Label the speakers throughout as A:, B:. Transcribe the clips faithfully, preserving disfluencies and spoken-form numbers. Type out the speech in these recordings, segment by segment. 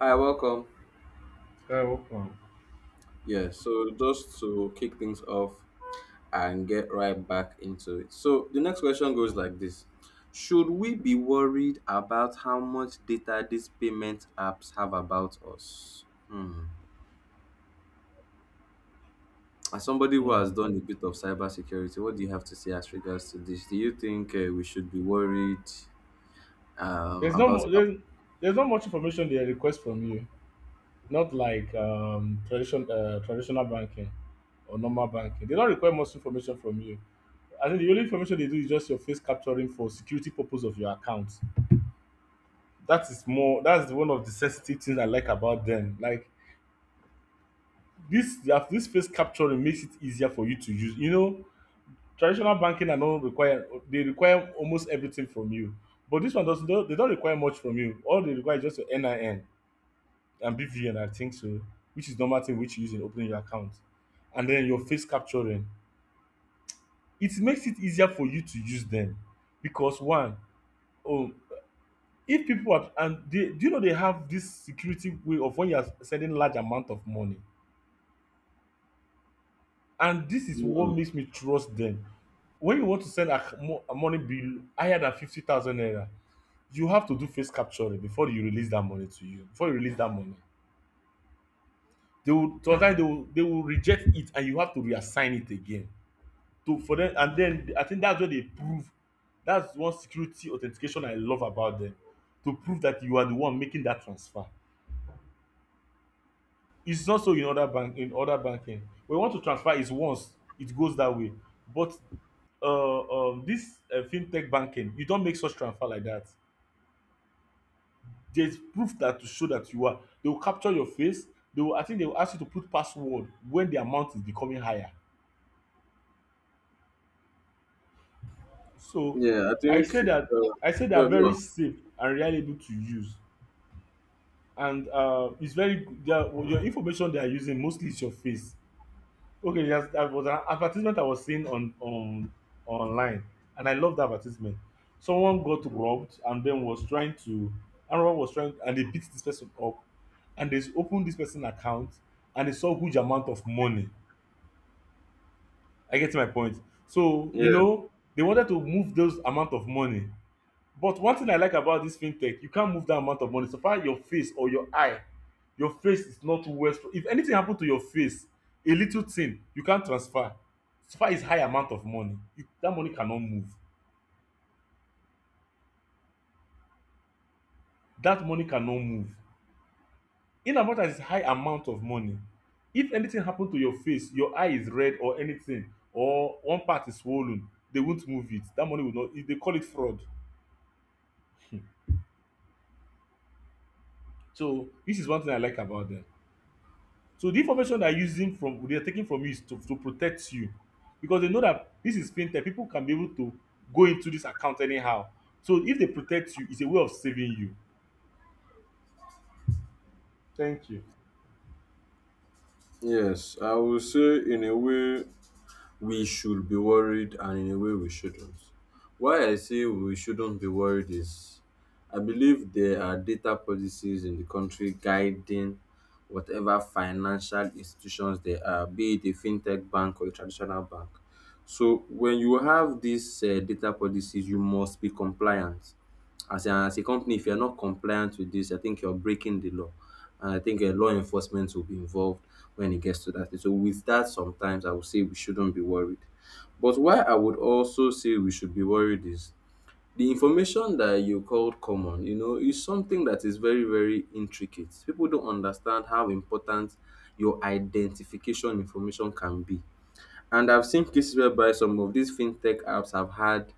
A: Hi, welcome.
B: Sky open.
A: Yeah, so just to kick things off and get right back into it. So the next question goes like this. Should we be worried about how much data these payment apps have about us? Hmm. As somebody who
B: Mm.
A: has done a bit of cybersecurity, what do you have to say as regards to this? Do you think uh, we should be worried um,
B: There's no
A: about
B: mu- there's, there's not much information they request from you. Not like um tradition uh, traditional banking or normal banking. They don't require much information from you. I think the only information they do is just your face capturing for security purpose of your account. That is more that's one of the sensitive things I like about them. Like this that this face capturing makes it easier for you to use. You know, traditional banking are not require they require almost everything from you. But this one doesn't, they don't require much from you. All they require is just your N I N and B V N, I think so, which is normal thing which you use in opening your account. And then your face capturing. It makes it easier for you to use them. Because one, oh, if people are and they do, you know, they have this security way of when you are sending large amount of money. And this is
A: Hmm.
B: what makes me trust them. When you want to send a, mo- a money bill higher than fifty thousand naira, you have to do face capturing before you release that money to you, before you release that money they will sometimes, they will, they will reject it and you have to reassign it again to for them. And then I think that's where they prove, that's one security authentication I love about them, to prove that you are the one making that transfer. It's not so in other bank, in other banking, when you want to transfer is once it goes that way. But uh, um, this uh, fintech banking, you don make such transfer like that. There's proof that to show that you are. They will capture your face. They will, I think they will ask you to put password when the amount is becoming higher. So
A: Yeah, I
B: I
A: think...
B: say that,
A: Uh,
B: I say they
A: yeah,
B: are
A: go
B: very
A: on.
B: safe and reliable to use, and uh, it's very good. They are, your information they are using mostly is your face. Okay, yes, that was an advertisement I was seeing on on online, and I loved the advertisement. Someone got robbed and then was trying to, and rob was trying, and they beat this person up, and they opened this person account, and they saw huge amount of money. I get my point. So you
A: Yeah.
B: know they wanted to move those amount of money. But one thing I like about this fintech, you can't move that amount of money so far your face or your eye, your face is not worth, if anything happen to your face, a little thing, you can't transfer. So far it's high amount of money, you that money cannot move. That money cannot move. In as much as it's high amount of money, if anything happen to your face, your eye is red or anything or one part is swollen, they won't move it. That money will not, they call it fraud. So this is one thing I like about them. So the information they're using from, they're taking from you is to, to protect you because they know that this is fintech. People can be able to go into this account anyhow. So if they protect you, it's a way of saving you. Thank you.
A: Yes, I will say in a way, we should be worried and in a way we shouldn't. Why I say we shouldn't be worried is I believe there are data policies in the country guiding whatever financial institutions there are, be it a fintech bank or a traditional bank. So when you have these uh, data policies, you must be compliant. As a, as a company, if you're not compliant with this, I think you're breaking the law and I think uh, law enforcement will be involved when it gets to that stage. So with that, sometimes I would say we shouldn't be worried. But why I would also say we should be worried is the information that you called common, you know, is something that is very, very intricate. People don't understand how important your identification information can be. And I've seen cases whereby some of these fintech apps have had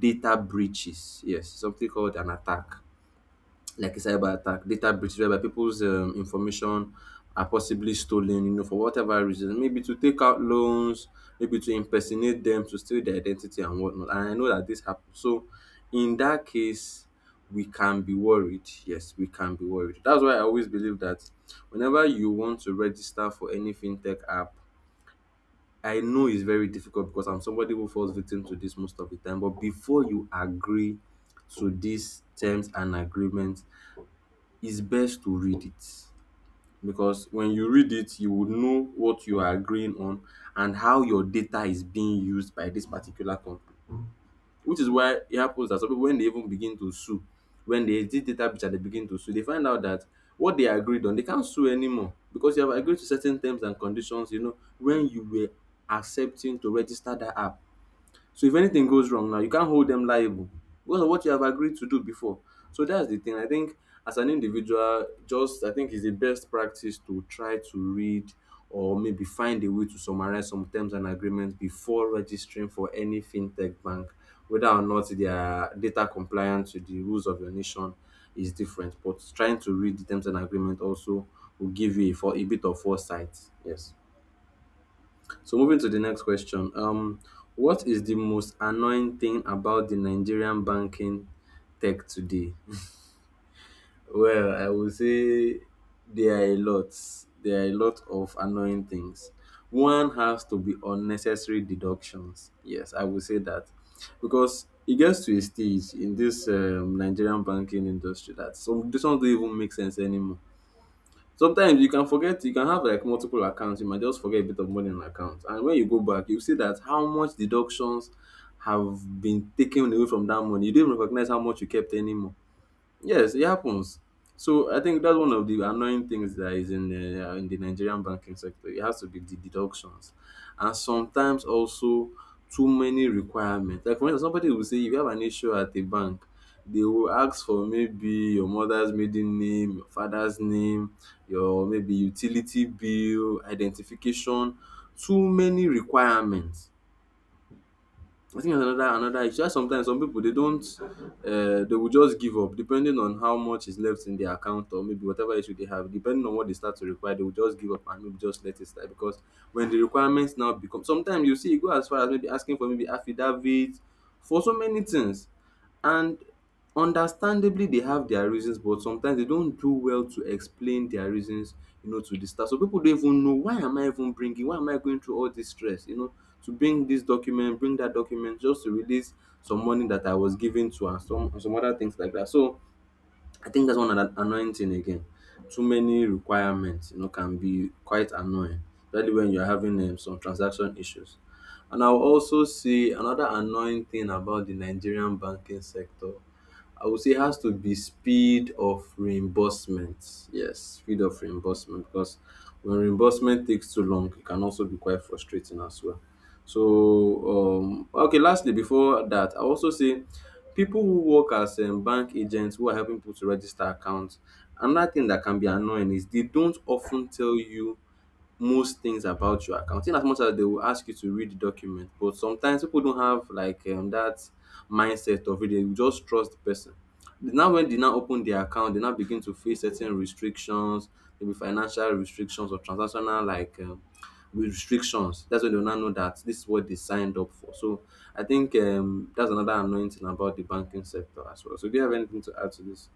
A: data breaches. Yes, something called an attack like a cyber attack, data breach whereby people's um, information are possibly stolen, you know, for whatever reason, maybe to take out loans, maybe to impersonate them, to steal their identity and whatnot. And I know that this happens. So in that case, we can be worried. Yes, we can be worried. That's why I always believe that whenever you want to register for any fintech app, I know it's very difficult because I'm somebody who falls victim to this most of the time. But before you agree to these terms and agreements, it's best to read it because when you read it you will know what you are agreeing on and how your data is being used by this particular company, which is why it happens that some people, when they even begin to sue, when they exit data breach and they begin to sue, they find out that what they agreed on they can't sue anymore because you have agreed to certain terms and conditions, you know, when you were accepting to register that app. So if anything goes wrong now, you can't hold them liable because of what you have agreed to do before. So that's the thing. I think as an individual, just I think it's the best practice to try to read or maybe find a way to summarize some terms and agreements before registering for any fintech bank, whether or not their data compliance with the rules of your nation is different. But trying to read the terms and agreement also will give you a, for, a bit of foresight. Yes. So moving to the next question. Um, what is the most annoying thing about the Nigerian banking tech today? Well, I would say there are a lot. There are a lot of annoying things. One has to be unnecessary deductions. Yes, I would say that. Because it gets to a stage in this um, Nigerian banking industry that some decisions don't even make sense anymore. Sometimes you can forget, you can have like multiple accounts, you might just forget a bit of money in an account, and when you go back you see that how much deductions have been taken away from that money, you don't even recognize how much you kept anymore. Yes, it happens. So I think that's one of the annoying things that is in the uh, in the Nigerian banking sector. It has to be the deductions, and sometimes also too many requirements. Like for instance, somebody will say if you have an issue at a bank, they will ask for maybe your mother's maiden name, your father's name, your maybe utility bill, identification. Too many requirements. I think that's another another issue. Why sometimes some people they don't um they will just give up depending on how much is left in their account or maybe whatever issue they have, depending on what they start to require, they will just give up and maybe just let it slide because when the requirements now become sometimes you see e go as far as maybe asking for maybe affidavit for so many things. And understandably, they have their reasons, but sometimes they don't do well to explain their reasons, you know, to the staff. So people don't even know, why am I even bringing, why am I going through all this stress, you know, to bring this document, bring that document, just to release some money that I was given to and some and some other things like that. So I think that's one an- annoying thing again. Too many requirements, you know, can be quite annoying, especially when you're having um, some transaction issues. And I'll also say another annoying thing about the Nigerian banking sector, I would say it has to be speed of reimbursement. Yes, speed of reimbursement, because when reimbursement takes too long, it can also be quite frustrating as well. So, um, okay, lastly, before that, I also say people who work as um, bank agents who are helping people to register accounts, another thing that can be annoying is they don't often tell you most things about your account. In as much as they will ask you to read the document, but sometimes people don't have like um, that mindset of it. They will just trust the person. Now, when they now open their account, they now begin to face certain restrictions, maybe financial restrictions or transactional like um, with restrictions. That's when they will now know that this is what they signed up for. So I think um, that's another annoying thing about the banking sector as well. So do you have anything to add to this?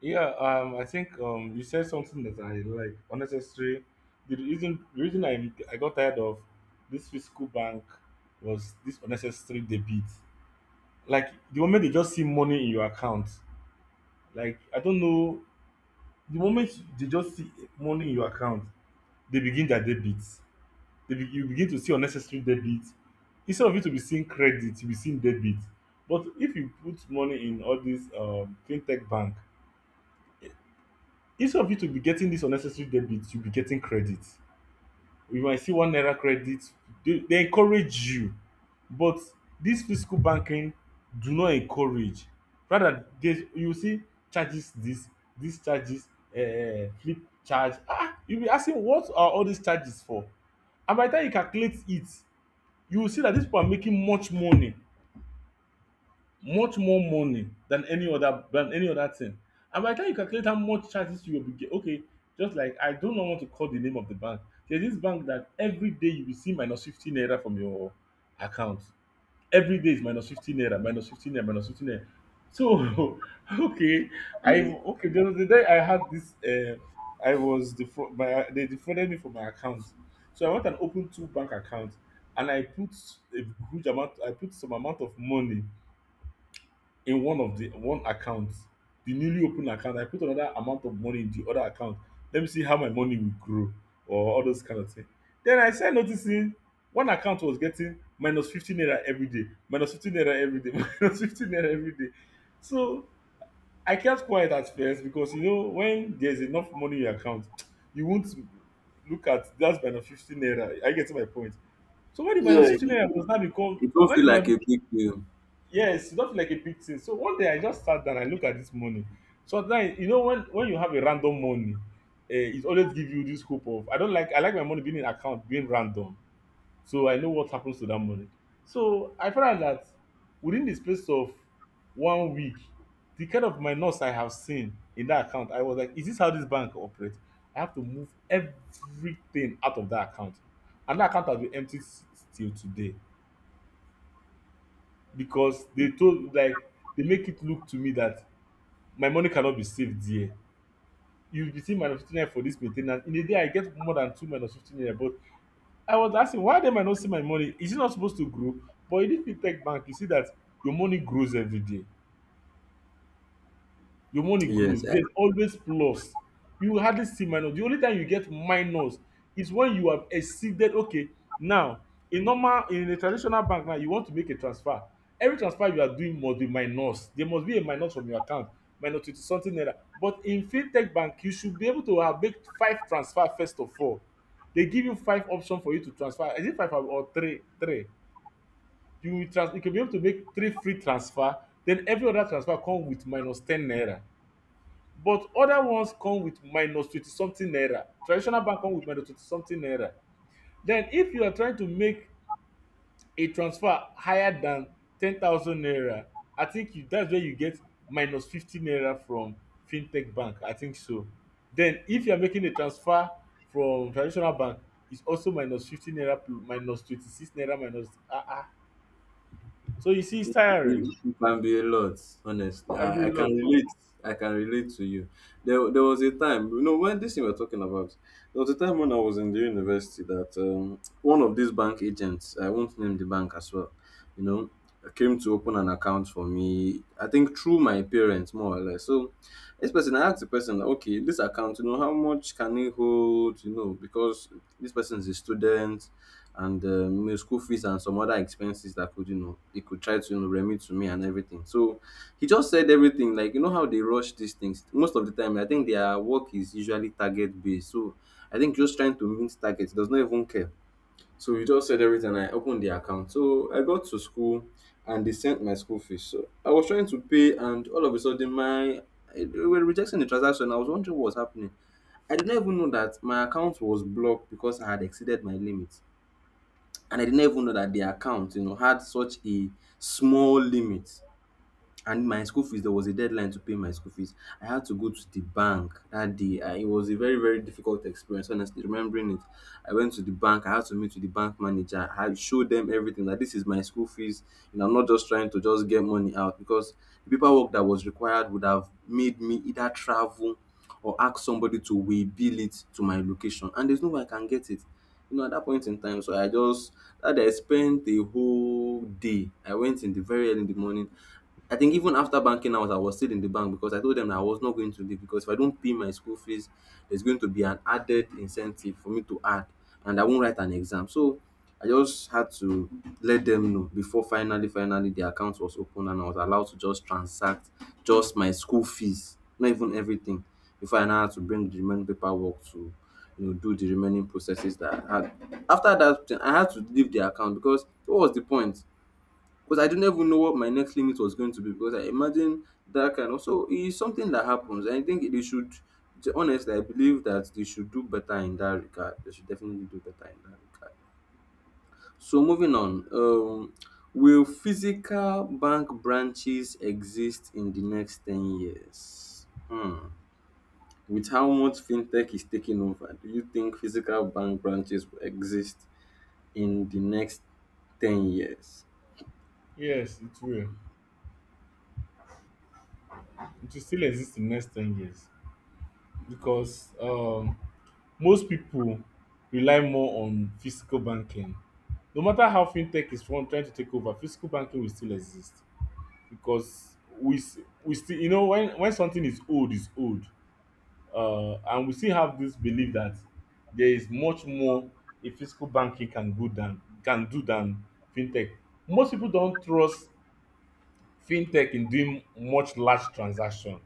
B: Yeah, um, I think um, you said something that I like, unnecessary. The reason the reason I I got tired of this physical bank was this unnecessary debit. Like the moment they just see money in your account, like I don't know, the moment they just see money in your account, they begin their debit. They be, you begin to see unnecessary debit instead of it to be seeing credit, you be seeing debit. But if you put money in all this um, fintech bank, instead of you to be getting this unnecessary debit, you be getting credit. You might see one naira credit. They, they encourage you. But this physical banking do not encourage. Rather they, you see charges, this this charges, uh, flip charge. Ah, you be asking, what are all these charges for? And by the time you calculate it, you will see that these people are making much money, much more money than any other, than any other thing. And by the time you calculate how much charges you will be get, okay, just like I do not know, want to call the name of the bank. There's this bank that every day you will see minus fifteen naira from your account. Every day is minus fifteen naira, minus fifteen naira, minus fifteen naira. So, okay, I okay. There was the day I had this. Uh, I was defra- my, they defrauded me for my account, so I went and opened two bank accounts, and I put a huge amount. I put some amount of money in one of the one account, the newly opened account. I put another amount of money in the other account. Let me see how my money will grow or all those kind of thing. Then I started noticing one account was getting minus fifteen naira every day, minus fifteen naira every day, minus fifteen naira every day. So I kept quiet at first because you know when there's enough money in your account, you won't look at that's minus fifteen naira, I get to my point. So when the minus
A: Yeah,
B: fifteen naira was now become,
A: it don't
B: when
A: feel
B: the
A: like
B: minus...
A: a big deal.
B: Yes, you don't feel like a big thing. So one day I just sat down and look at this money. Sometimes you know when when you have a random money, eh, it always give you this hope of, I don't like, I like my money being in account being random, so I know what happens to that money. So I found out that within the space of one week, the kind of minus I have seen in that account, I was like, is this how this bank operates? I have to move everything out of that account, and that account has been empty s- till today because they told, like, they make it look to me that my money cannot be saved there. You will be seeing minus fifty naira for this main ten ance. In a day, I get more than two minus fifty naira. But I was asking, why dem I no see my money? Is it not supposed to grow? But in this fintech bank, you see that your money grows every day. Your money
A: Yes,
B: grows, there's always plus. You will hardly see minus. The only time you get minus is when you have exceeded. Okay, now, in normal, in a traditional bank, now you want to make a transfer, every transfer you are doing must be minus, there must be a minus from your account, minus twenty something naira. But in fintech bank, you should be able to have make five transfer. First of all, they give you five option for you to transfer. Is it five or three? Three, you will trans you go be able to make three free transfer. Then every other transfer come with minus ten naira. But other ones come with minus twenty something naira. Traditional bank come with minus twenty something naira. Then if you are trying to make a transfer higher than ten thousand naira, I think you, that's where you get minus fifty naira from fintech bank, I think so. Then if you are making a transfer from traditional bank, it's also minus fifty naira plus minus twenty-six naira minus, ah, ah. So you see, it's
A: It,
B: tiring.
A: it, it can be a lot,
B: It
A: honestly.
B: can be
A: I,
B: a
A: I
B: lot.
A: can relate. I can relate to you. There, there was a time, you know, when this thing we're talking about, there was a time when I was in the university that um, one of these bank agents, I won't name the bank as well, you know, came to open an account for me. I think through my parents, more or less. So this person, I asked the person, okay, this account, you know, how much can it hold? You know, because this person is a student and um, you know, school fees and some other expenses that could, you know, they could try to, you know, remit to me and everything. So he just said everything like, you know, how they rush these things most of the time. I think their work is usually target based, so I think just trying to meet targets does not even care. So he just said everything. I opened the account. So I got to school and they sent my school fees. So I was trying to pay and all of a sudden my they were rejecting the transaction. I was wondering what was happening. I did not even know that my account was blocked because I had exceeded my limit, and I did not even know that their account, you know, had such a small limit. And my school fees, there was a deadline to pay my school fees. I had to go to the bank that day. I, it was a very, very difficult experience. Honestly, remembering it, I went to the bank. I had to meet with the bank manager. I showed them everything, that this is my school fees. You know, I'm not just trying to just get money out, because the paperwork that was required would have made me either travel or ask somebody to waybill it to my location and there's no way I can get it, you know, at that point in time. So I just that I spent the whole day. I went in the very early in the morning. I think even after banking hours, I was still in the bank because I told them that I was not going to leave because if I don't pay my school fees, there's going to be an added incentive for me to add, and I won't write an exam. So I just had to let them know before finally, finally, the account was open and I was allowed to just transact just my school fees, not even everything, before I now had to bring the remaining paperwork to, you know, do the remaining processes that I had. After that thing, I had to leave the account because what was the point? Because I didn't even know what my next limit was going to be. Because I imagine that kind of so it's something that happens. I think they should to be honest, I believe that they should do better in that regard. They should definitely do better in that regard. So moving on, um, will physical bank branches exist in the next ten years? Hmm. With how much fintech is taking over, do you think physical bank branches will exist in the next ten years?
B: Yes, it will. It will still exist in next ten years because um most people rely more on physical banking. No matter how fintech is from trying to take over, physical banking will still exist because we s- we still, you know, when when something is old is old. Uh, and we still have this belief that there is much more a physical banking can go than, can do than fintech. Most people don't trust fintech in doing much large transaction.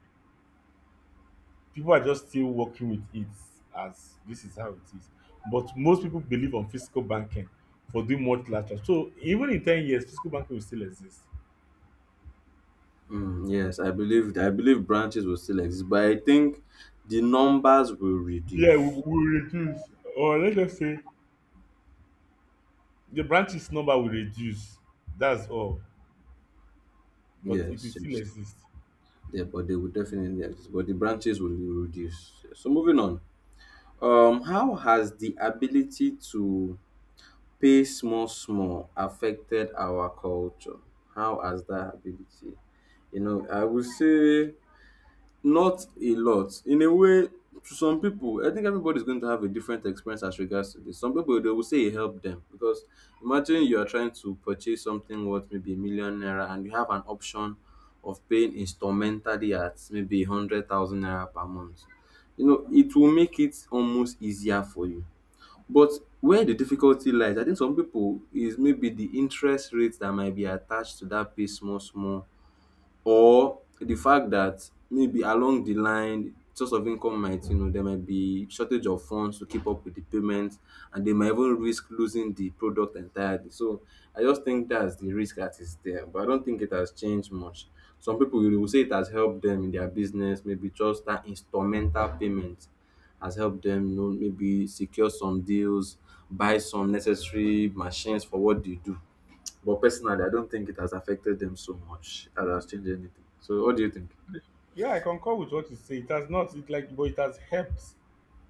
B: People are just still working with it as this is how it is. But most people believe on physical banking for doing multilateral trans. So even in ten years, physical banking will still exist.
A: Mm, yes, I believe I believe branches will still exist, but I think the numbers will
B: Yeah, we
A: reduce.
B: will reduce. Or let's just say the branches number will reduce. That's all. But it will
A: Yes,
B: still
A: yes.
B: exist.
A: Yeah, but they will definitely exist, but the branches will reduce. So moving on. Um, how has the ability to pay small small affected our culture? How has that ability? You know, I would say not a lot. In a way, to some people, I think everybody's going to have a different experience as regards to this. Some people they will say it helped them because imagine you are trying to purchase something worth maybe a million naira and you have an option of paying instrumentally at maybe hundred thousand naira per month. You know, it will make it almost easier for you. But where the difficulty lies, I think some people is maybe the interest rates that might be attached to that pay small small, or the fact that maybe along the line source of income might, you know, there might be shortage of funds to keep up with the payments, and they might even risk losing the product entirely. So I just think that's the risk that is there, but I don't think it has changed much. Some people will will say it has helped them in their business, maybe just that instrumental payment has helped them, you know, maybe secure some deals, buy some necessary machines for what they do. But personally, I don't think it has affected them so much that has changed anything. So, what do you think?
B: Yeah, I concur with what you say. It has not, it like, but it has helped.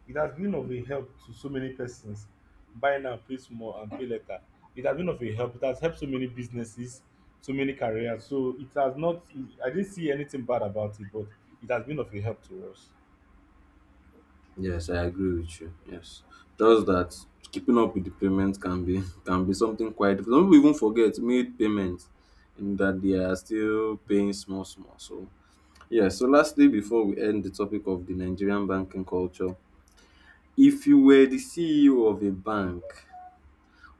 B: It has been of a help to so many persons. Buy now, pay small, and pay later. It has been of a help. It has helped so many businesses, so many careers. So it has not, I didn't see anything bad about it, but it has been of a help to us.
A: Yes, I agree with you. Yes, just that keeping up with the payments can be can be something quite. Some people even forget made payments, and that they are still paying small small. So yeah. So lastly, before we end the topic of the Nigerian banking culture, if you were the C E O of a bank,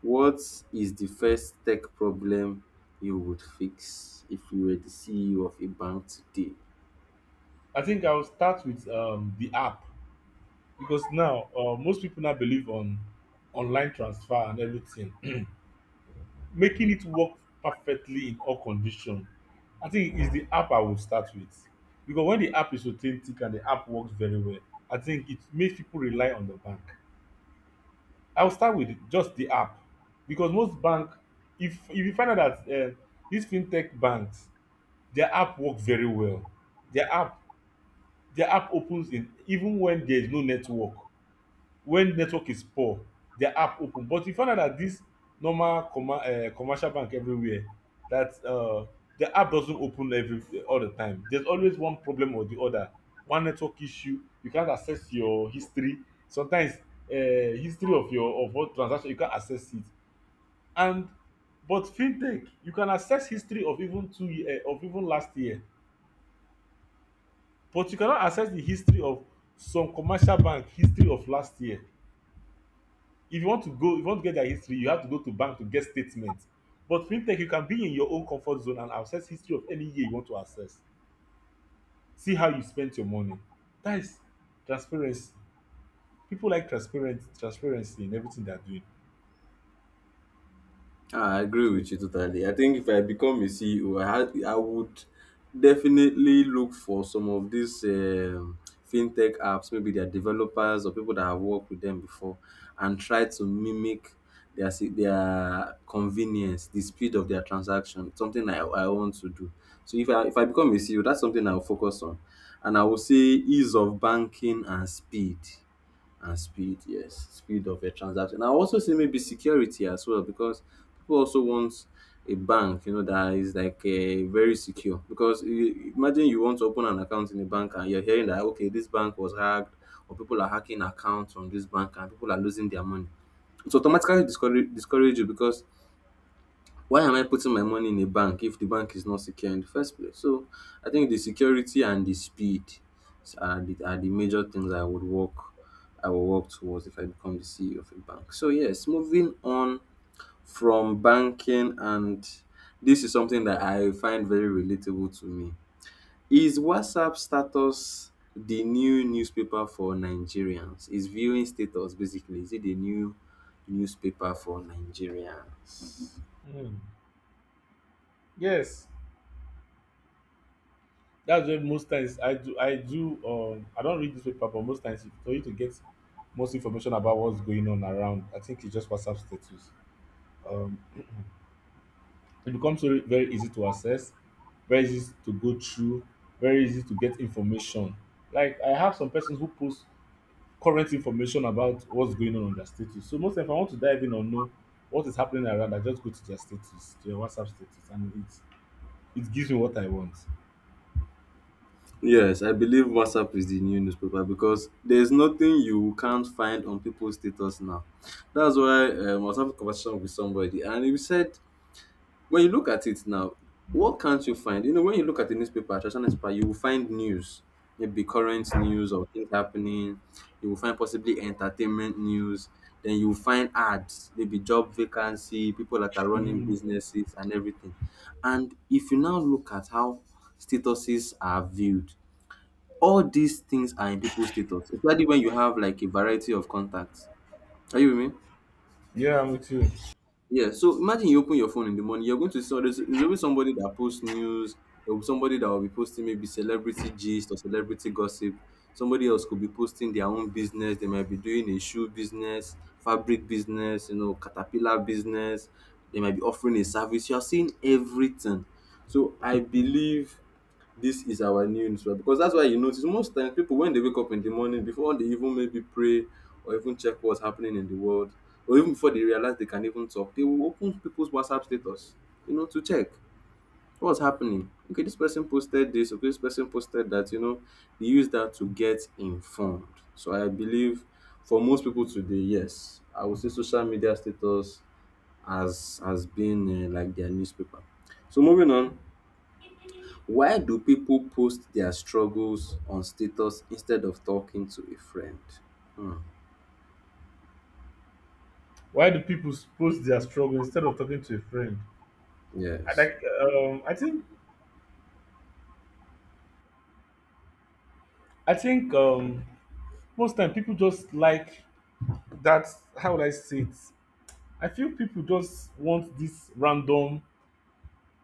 A: what is the first tech problem you would fix if you were the C E O of a bank today?
B: I think I'll start with um, the app because now uh, most people now believe on online transfer and everything. Making it work perfectly in all condition, I think, is the app I will start with. Because when the app is authentic and the app works very well, I think it makes people rely on the bank. I will start with just the app because most bank, if if you find out that um this fintech banks, their app work very well, their app their app opens in even when there is no network. When network is poor, their app open. But we found out that this normal commer uh, commercial bank everywhere, that uh, the app doesn't open every all the time, there's always one problem or the other. One network issue, you can't access your history. Sometimes uh, history of your of what transaction, you can't access it. And but fintech, you can access history of even two year, of even last year. But you cannot access the history of some commercial bank history of last year. If you want to go, if you want to get their history, you have to go to bank to get statements. But fintech, you can be in your own comfort zone and access history of any year you want to access, see how you spent your money. That is transparency. People like transparent transparency in everything they're doing.
A: Ah, I agree
B: So
A: with you totally. I think if I become a C E O, I had, I would definitely look for some of these um, fintech apps, maybe their developers or people that have worked with them before, and try to mimic their se- their convenience, the speed of their transaction. It's something I, I want to do. So if I if I become a C E O, that's something I will focus on, and I will say ease of banking and speed and speed Yes, speed of a transaction. I also see maybe security as well, because people also want a bank, you know, that is like uh, very secure. Because you, imagine you want to open an account in a bank and you're hearing that, okay, this bank was hacked or people are hacking accounts on this bank and people are losing their money, it automatically discourage, discourage you. Because why am I putting my money in a bank if the bank is not secure in the first place? So I think the security and the speed are the, are the major things I would work I will work towards if I become the C E O of a bank. So yes, moving on from banking, and this is something that I find very relatable to me. Is WhatsApp status the new newspaper for Nigerians? Is viewing status basically, is it the new newspaper for Nigerians?
B: mm, yes, that's why most times i do i do um I don't read this paper. But most times for you to get most information about what's going on around, I think it's just WhatsApp status. um It becomes very, very easy to access, very easy to go through, very easy to get information. Like I have some persons who post current information about what's going on on their status. So most, if I want to dive in or know what is happening around, I just go to their status, to their WhatsApp status, and it it gives me what I want.
A: Yes, I believe WhatsApp is the new newspaper because there's nothing you can't find on people's status now. That's why, um, I was having a conversation with somebody, and he said, when you look at it now, what can't you find? You know, when you look at the newspaper, traditional newspaper, you will find news, maybe current news or things happening. You will find possibly entertainment news. Then you will find ads, maybe job vacancy, people that are running
B: Hmm.
A: businesses and everything. And if you now look at how statuses are viewed, all these things are in people's status, especially when you have like a variety of contacts. Are you with me?
B: Yeah, I'm with you.
A: Yeah. So imagine you open your phone in the morning, you're going to see all this. There's always somebody that posts news. There will be somebody that will be posting maybe celebrity gist or celebrity gossip. Somebody else could be posting their own business. They might be doing a shoe business, fabric business, you know, caterpillar business. They might be offering a service. You're seeing everything. So I believe this is our new newspaper, because that's why you notice most times people, when they wake up in the morning, before they even maybe pray or even check what's happening in the world, or even before they realize they can even talk, they will open people's WhatsApp status, you know, to check what's happening. Okay, this person posted this, okay, this person posted that, you know, they use that to get informed. So I believe for most people today, yes, I would say social media status as has been uh, like their newspaper. So moving on, why do people post their struggles on status instead of talking to a friend? Hmm,
B: Why do people post their struggle instead of talking to a friend? I
A: yes.
B: like um I think I think um most time people just like that. How would I say it? I feel people just want this random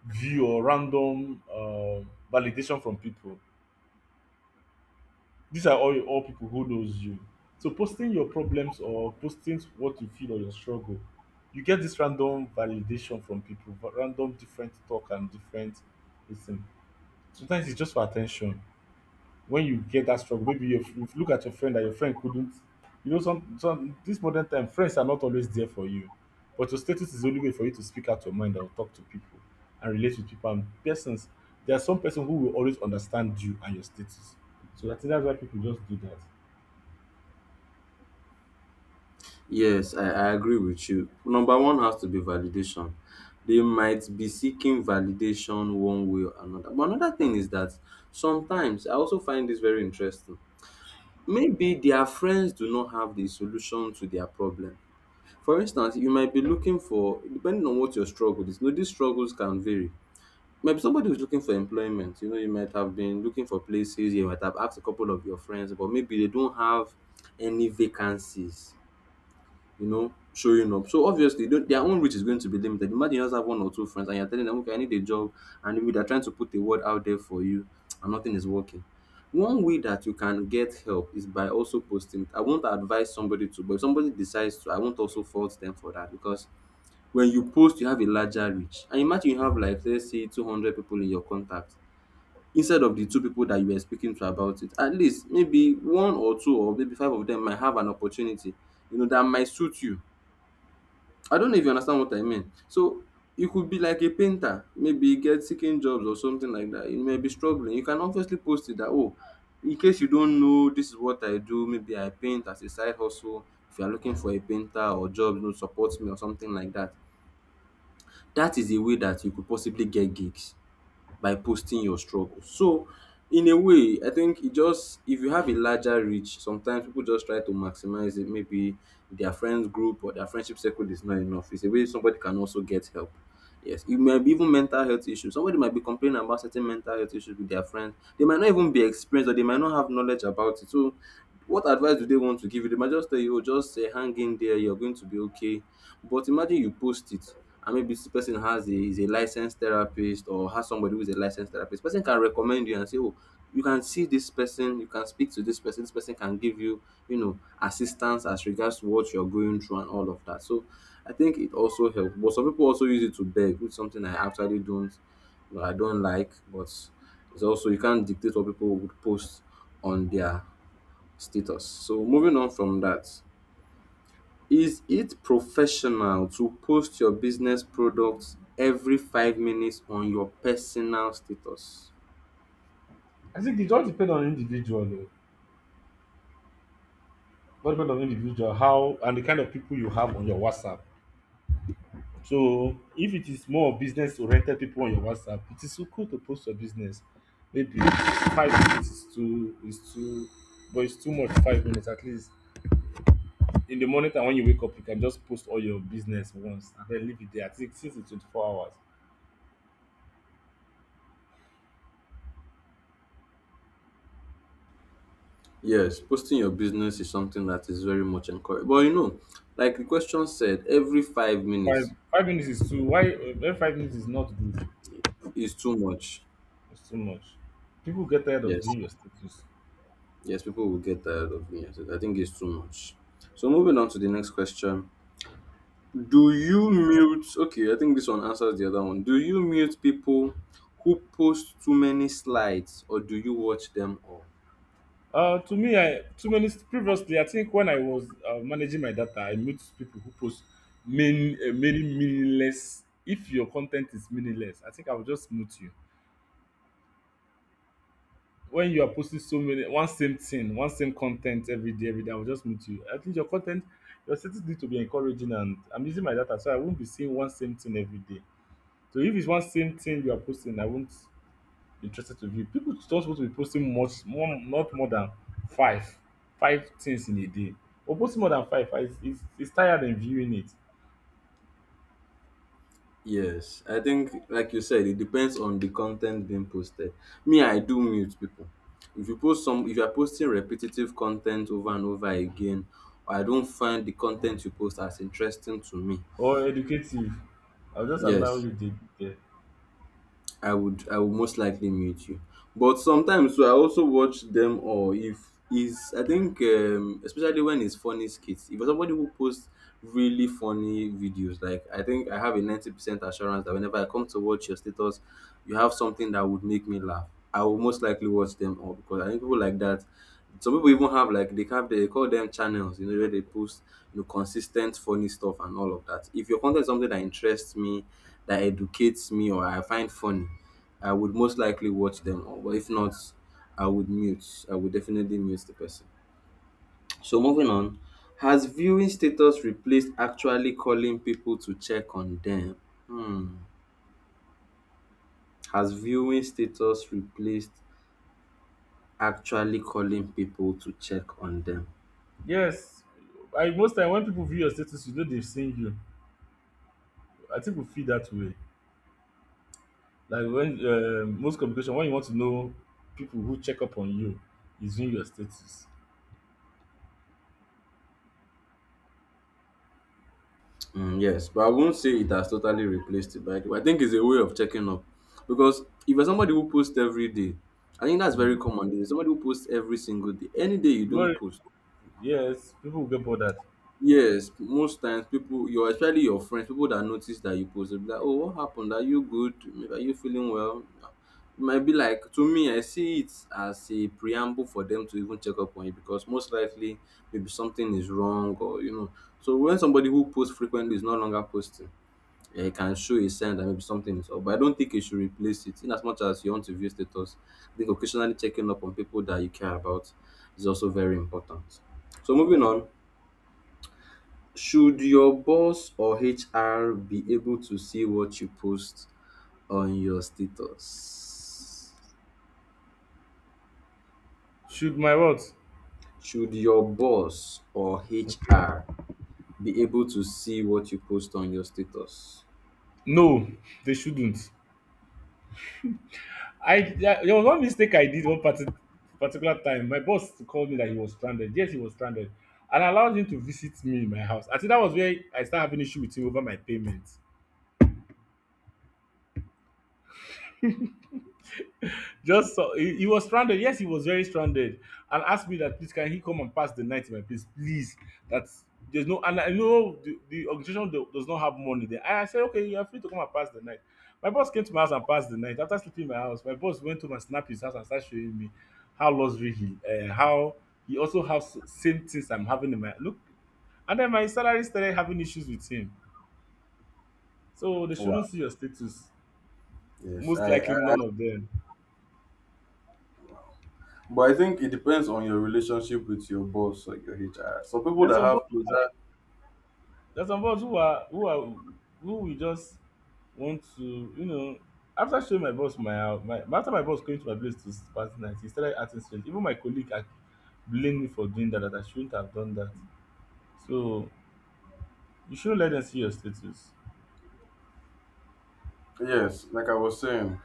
B: view or random um, validation from people. These are all all people who knows you. So posting your problems or posting what you feel or your struggle, you get this random validation from people, but random different talk and different listen. Sometimes it's just for attention. When you get that struggle, maybe you, you look at your friend that your friend couldn't, you know, some some this modern time friends are not always there for you. But your status is the only way for you to speak out your mind and talk to people and relate with people and persons. There are some person who will always understand you and your status. So I think that's why people just do that.
A: Yes, I, I agree with you. Number one has to be validation. They might be seeking validation one way or another. But another thing is that sometimes I also find this very interesting. Maybe their friends do not have the solution to their problem. For instance, you might be looking for, depending on what your struggle is, you these struggles can vary. Maybe somebody who's looking for employment, you know, you might have been looking for places, you might have asked a couple of your friends, but maybe they don't have any vacancies, you know, showing up. So obviously, don't, their own reach is going to be limited. Imagine you just have one or two friends and you're telling them, okay, I need a job, and maybe they're trying to put a word out there for you, and nothing is working. One way that you can get help is by also posting. I won't advise somebody to, but if somebody decides to, I won't also fault them for that. Because when you post, you have a larger reach, and imagine you have, like, let's say two hundred people in your contact, instead of the two people that you were speaking to about it. At least maybe one or two or maybe five of them might have an opportunity, you know, that might suit you. I don't know if you understand what I mean. So you could be like a painter, maybe get seeking jobs or something like that. You may be struggling, you can obviously post it, that, oh, in case you don't know, this is what I do. Maybe I paint as a side hustle. If you are looking for a painter or job, you know, support me or something like that. That is a way that you could possibly get gigs by posting your struggle. So in a way, I think e just if you have a larger reach, sometimes people just try to maximize it. Maybe their friends group or their friendship circle is not enough. It's a way somebody can also get help. Yes, it might be even mental health issues. Somebody might be complaining about certain mental health issues with their friends. They might not even be experienced, or they might not have knowledge about it. So, what advice do they want to give you? They might just tell you, oh, just uh, hang in there, you're going to be okay. But imagine you post it, and maybe this person has a, is a licensed therapist, or has somebody who is a licensed therapist. Person can recommend you and say, oh, you can see this person, you can speak to this person, this person can give you, you know, assistance as regards to what you're going through and all of that. So I think it also helps. But some people also use it to beg, which is something I actually don't, you know, I don't like. But it's also, you can't dictate what people would post on their status. So moving on from that, is it professional to post your business products every five minutes on your personal status?
B: I think it all depend on individual o all depend on individual, how and the kind of people you have on your WhatsApp. So if it is more of business oriented people on your WhatsApp, it is so cool to post your business. Maybe five minutes is too is too but it's too much, five minutes at least. In the morning time when you wake up, you can just post all your business once and then leave it there. I think since it's twenty-four hours.
A: Yes, posting your business is something that is very much encouraged. But you know, like the question said, every five
B: Five
A: minutes
B: five minutes is too. Why? Uh, five minutes is not good.
A: is too much.
B: It's too much. People get tired of
A: Yes,
B: viewing your status.
A: yes, people will get tired of me. Yes, I think it's too much. So moving on to the next question. Do you mute? Okay, I think this one answers the other one. Do you mute people who post too many slides or do you watch them all?
B: Uh, to me, I too many previously. I think when I was uh, managing my data, I meet people who post main uh, many meaningless. If your content is meaningless, I think I will just mute you. When you are posting so many one same thing, one same content every day, every day, I will just mute you. At least your content, your settings need to be encouraging, and I'm using my data, so I won't be seeing one same thing every day. So if it's one same thing you are posting, I won't interested to view. People don't supposed to be posting much more, not more than five five things in a day. Or posting more than five, ah, it's is tired than viewing it.
A: Yes, I think, like you said, it depends on the content being posted. Me, I do mute people. If you post some, if you are posting repetitive content over and over again, I don't find the content you post as interesting to me.
B: Or educative. I will just allow
A: Yes,
B: you dey there.
A: I would I would most likely mute you. But sometimes so I also watch them. Or if is I think um, especially when it's funny skits. If somebody who posts really funny videos, like I think I have a ninety percent assurance that whenever I come to watch your status, you have something that would make me laugh. I will most likely watch them all because I think people like that, some people even have, like, they have, they call them channels, you know, where they post, you know, consistent funny stuff and all of that. If your content is something that interests me, that educates me, or I find funny, I would most likely watch them. Or but if not, I would mute. I would definitely mute the person. So moving on, has viewing status replaced actually calling people to check on them? Hmm. Has viewing status replaced actually calling people to check on them?
B: Yes, I most time when people view your status, you know, they've seen you. I think we feel that way. Like when um most communication, when you want to know people who check up on you, is in your status.
A: Mm, yes, but I won't say it has totally replaced it. But I think it's a way of checking up, because if you're somebody who posts every day, I think that's very
B: um
A: common. There's somebody who posts every single day. Any day you don't
B: Glory,
A: post,
B: yes, people go get bothered.
A: yes, most times people, your especially your friends, people that notice that you post, they'll be like, "Oh, what happened? Are you good? Maybe are you feeling well?" Ah, it might be like, to me, I see it as a preamble for them to even check up on you, because most likely maybe something is wrong or you know. So when somebody who posts frequently is no longer posting, um can show a sign that maybe something is up, but I don't think you should replace it. In as much as you want to view status, I think occasionally checking up on people that you care about is also very important. So moving on, should your boss or H R be able to see what you post on your status?
B: Should my what?
A: Should your boss or
B: Okay.
A: H R be able to see what you post on your status?
B: No, they shouldn't. I Yeah, there was one mistake I did one parti- particular time. My boss called me that he was stranded. Yes, he was stranded, and allowed him to visit me in my house. I think that was where I started having issue with him over my payment. Just so he, he was stranded. Yes, he was very stranded, and asked me that please can he come and pass the night in my place, please. That's there's no. And I know the, the organization do- does not have money there. And I said okay, you are free to come and pass the night. My boss came to my house and passed the night. After sleeping in my house, my boss went to my snap his house and started showing me how luxury he, uh, how he also has same things I'm having in my look. And then my salary started having issues with him. So they shouldn't
A: Wow.
B: see your status.
A: Yes,
B: Most
A: I,
B: likely
A: I
B: none of them.
A: But I think it depends on your relationship with your boss or your H R. Some people
B: There's
A: that
B: some
A: have closer,
B: There's some of us who are who are who we just want to, you know. After showing my boss my house, my after my boss came to my place to party night, he started acting strange. Even my colleague ac- blamed me for doing that, that I shouldn't have done that. So you shouldn't let them see your status.
A: yes, like I was saying,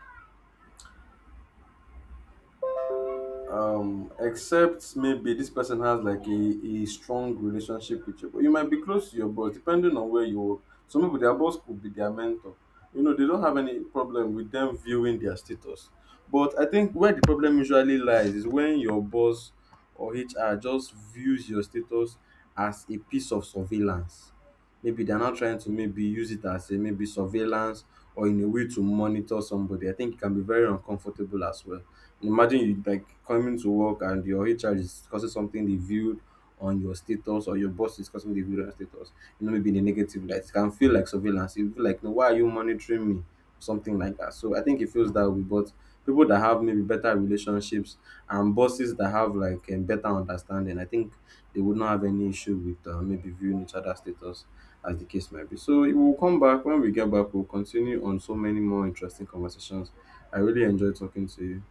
A: um, except maybe this person has like a, a strong relationship with you. But you might be close to your boss depending on where you work. Some people, their boss could be their mentor. You know, they don't have any problem with them viewing their status. But I think where the problem usually lies is when your boss or H R just views your status as a piece of surveillance. Maybe they're not trying to maybe use it as a maybe surveillance or in a way to monitor somebody. I think it can be very uncomfortable as well. Imagine you like coming to work and your H R is discussing something they viewed on your status, or your boss is discussing the video on your status, you know, maybe in a negative light. It can feel like surveillance. You feel like, no, why are you monitoring me? Something like that. So I think it feels that way. But people that have maybe better relationships and bosses that have like a better understanding, I think they would not have any issue with uh, maybe viewing each other's status as the case might be. So we will come back. When we get back, we'll continue on so many more interesting conversations. I really enjoy talking to you.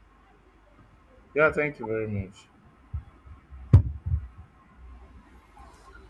B: Yeah, thank you very much.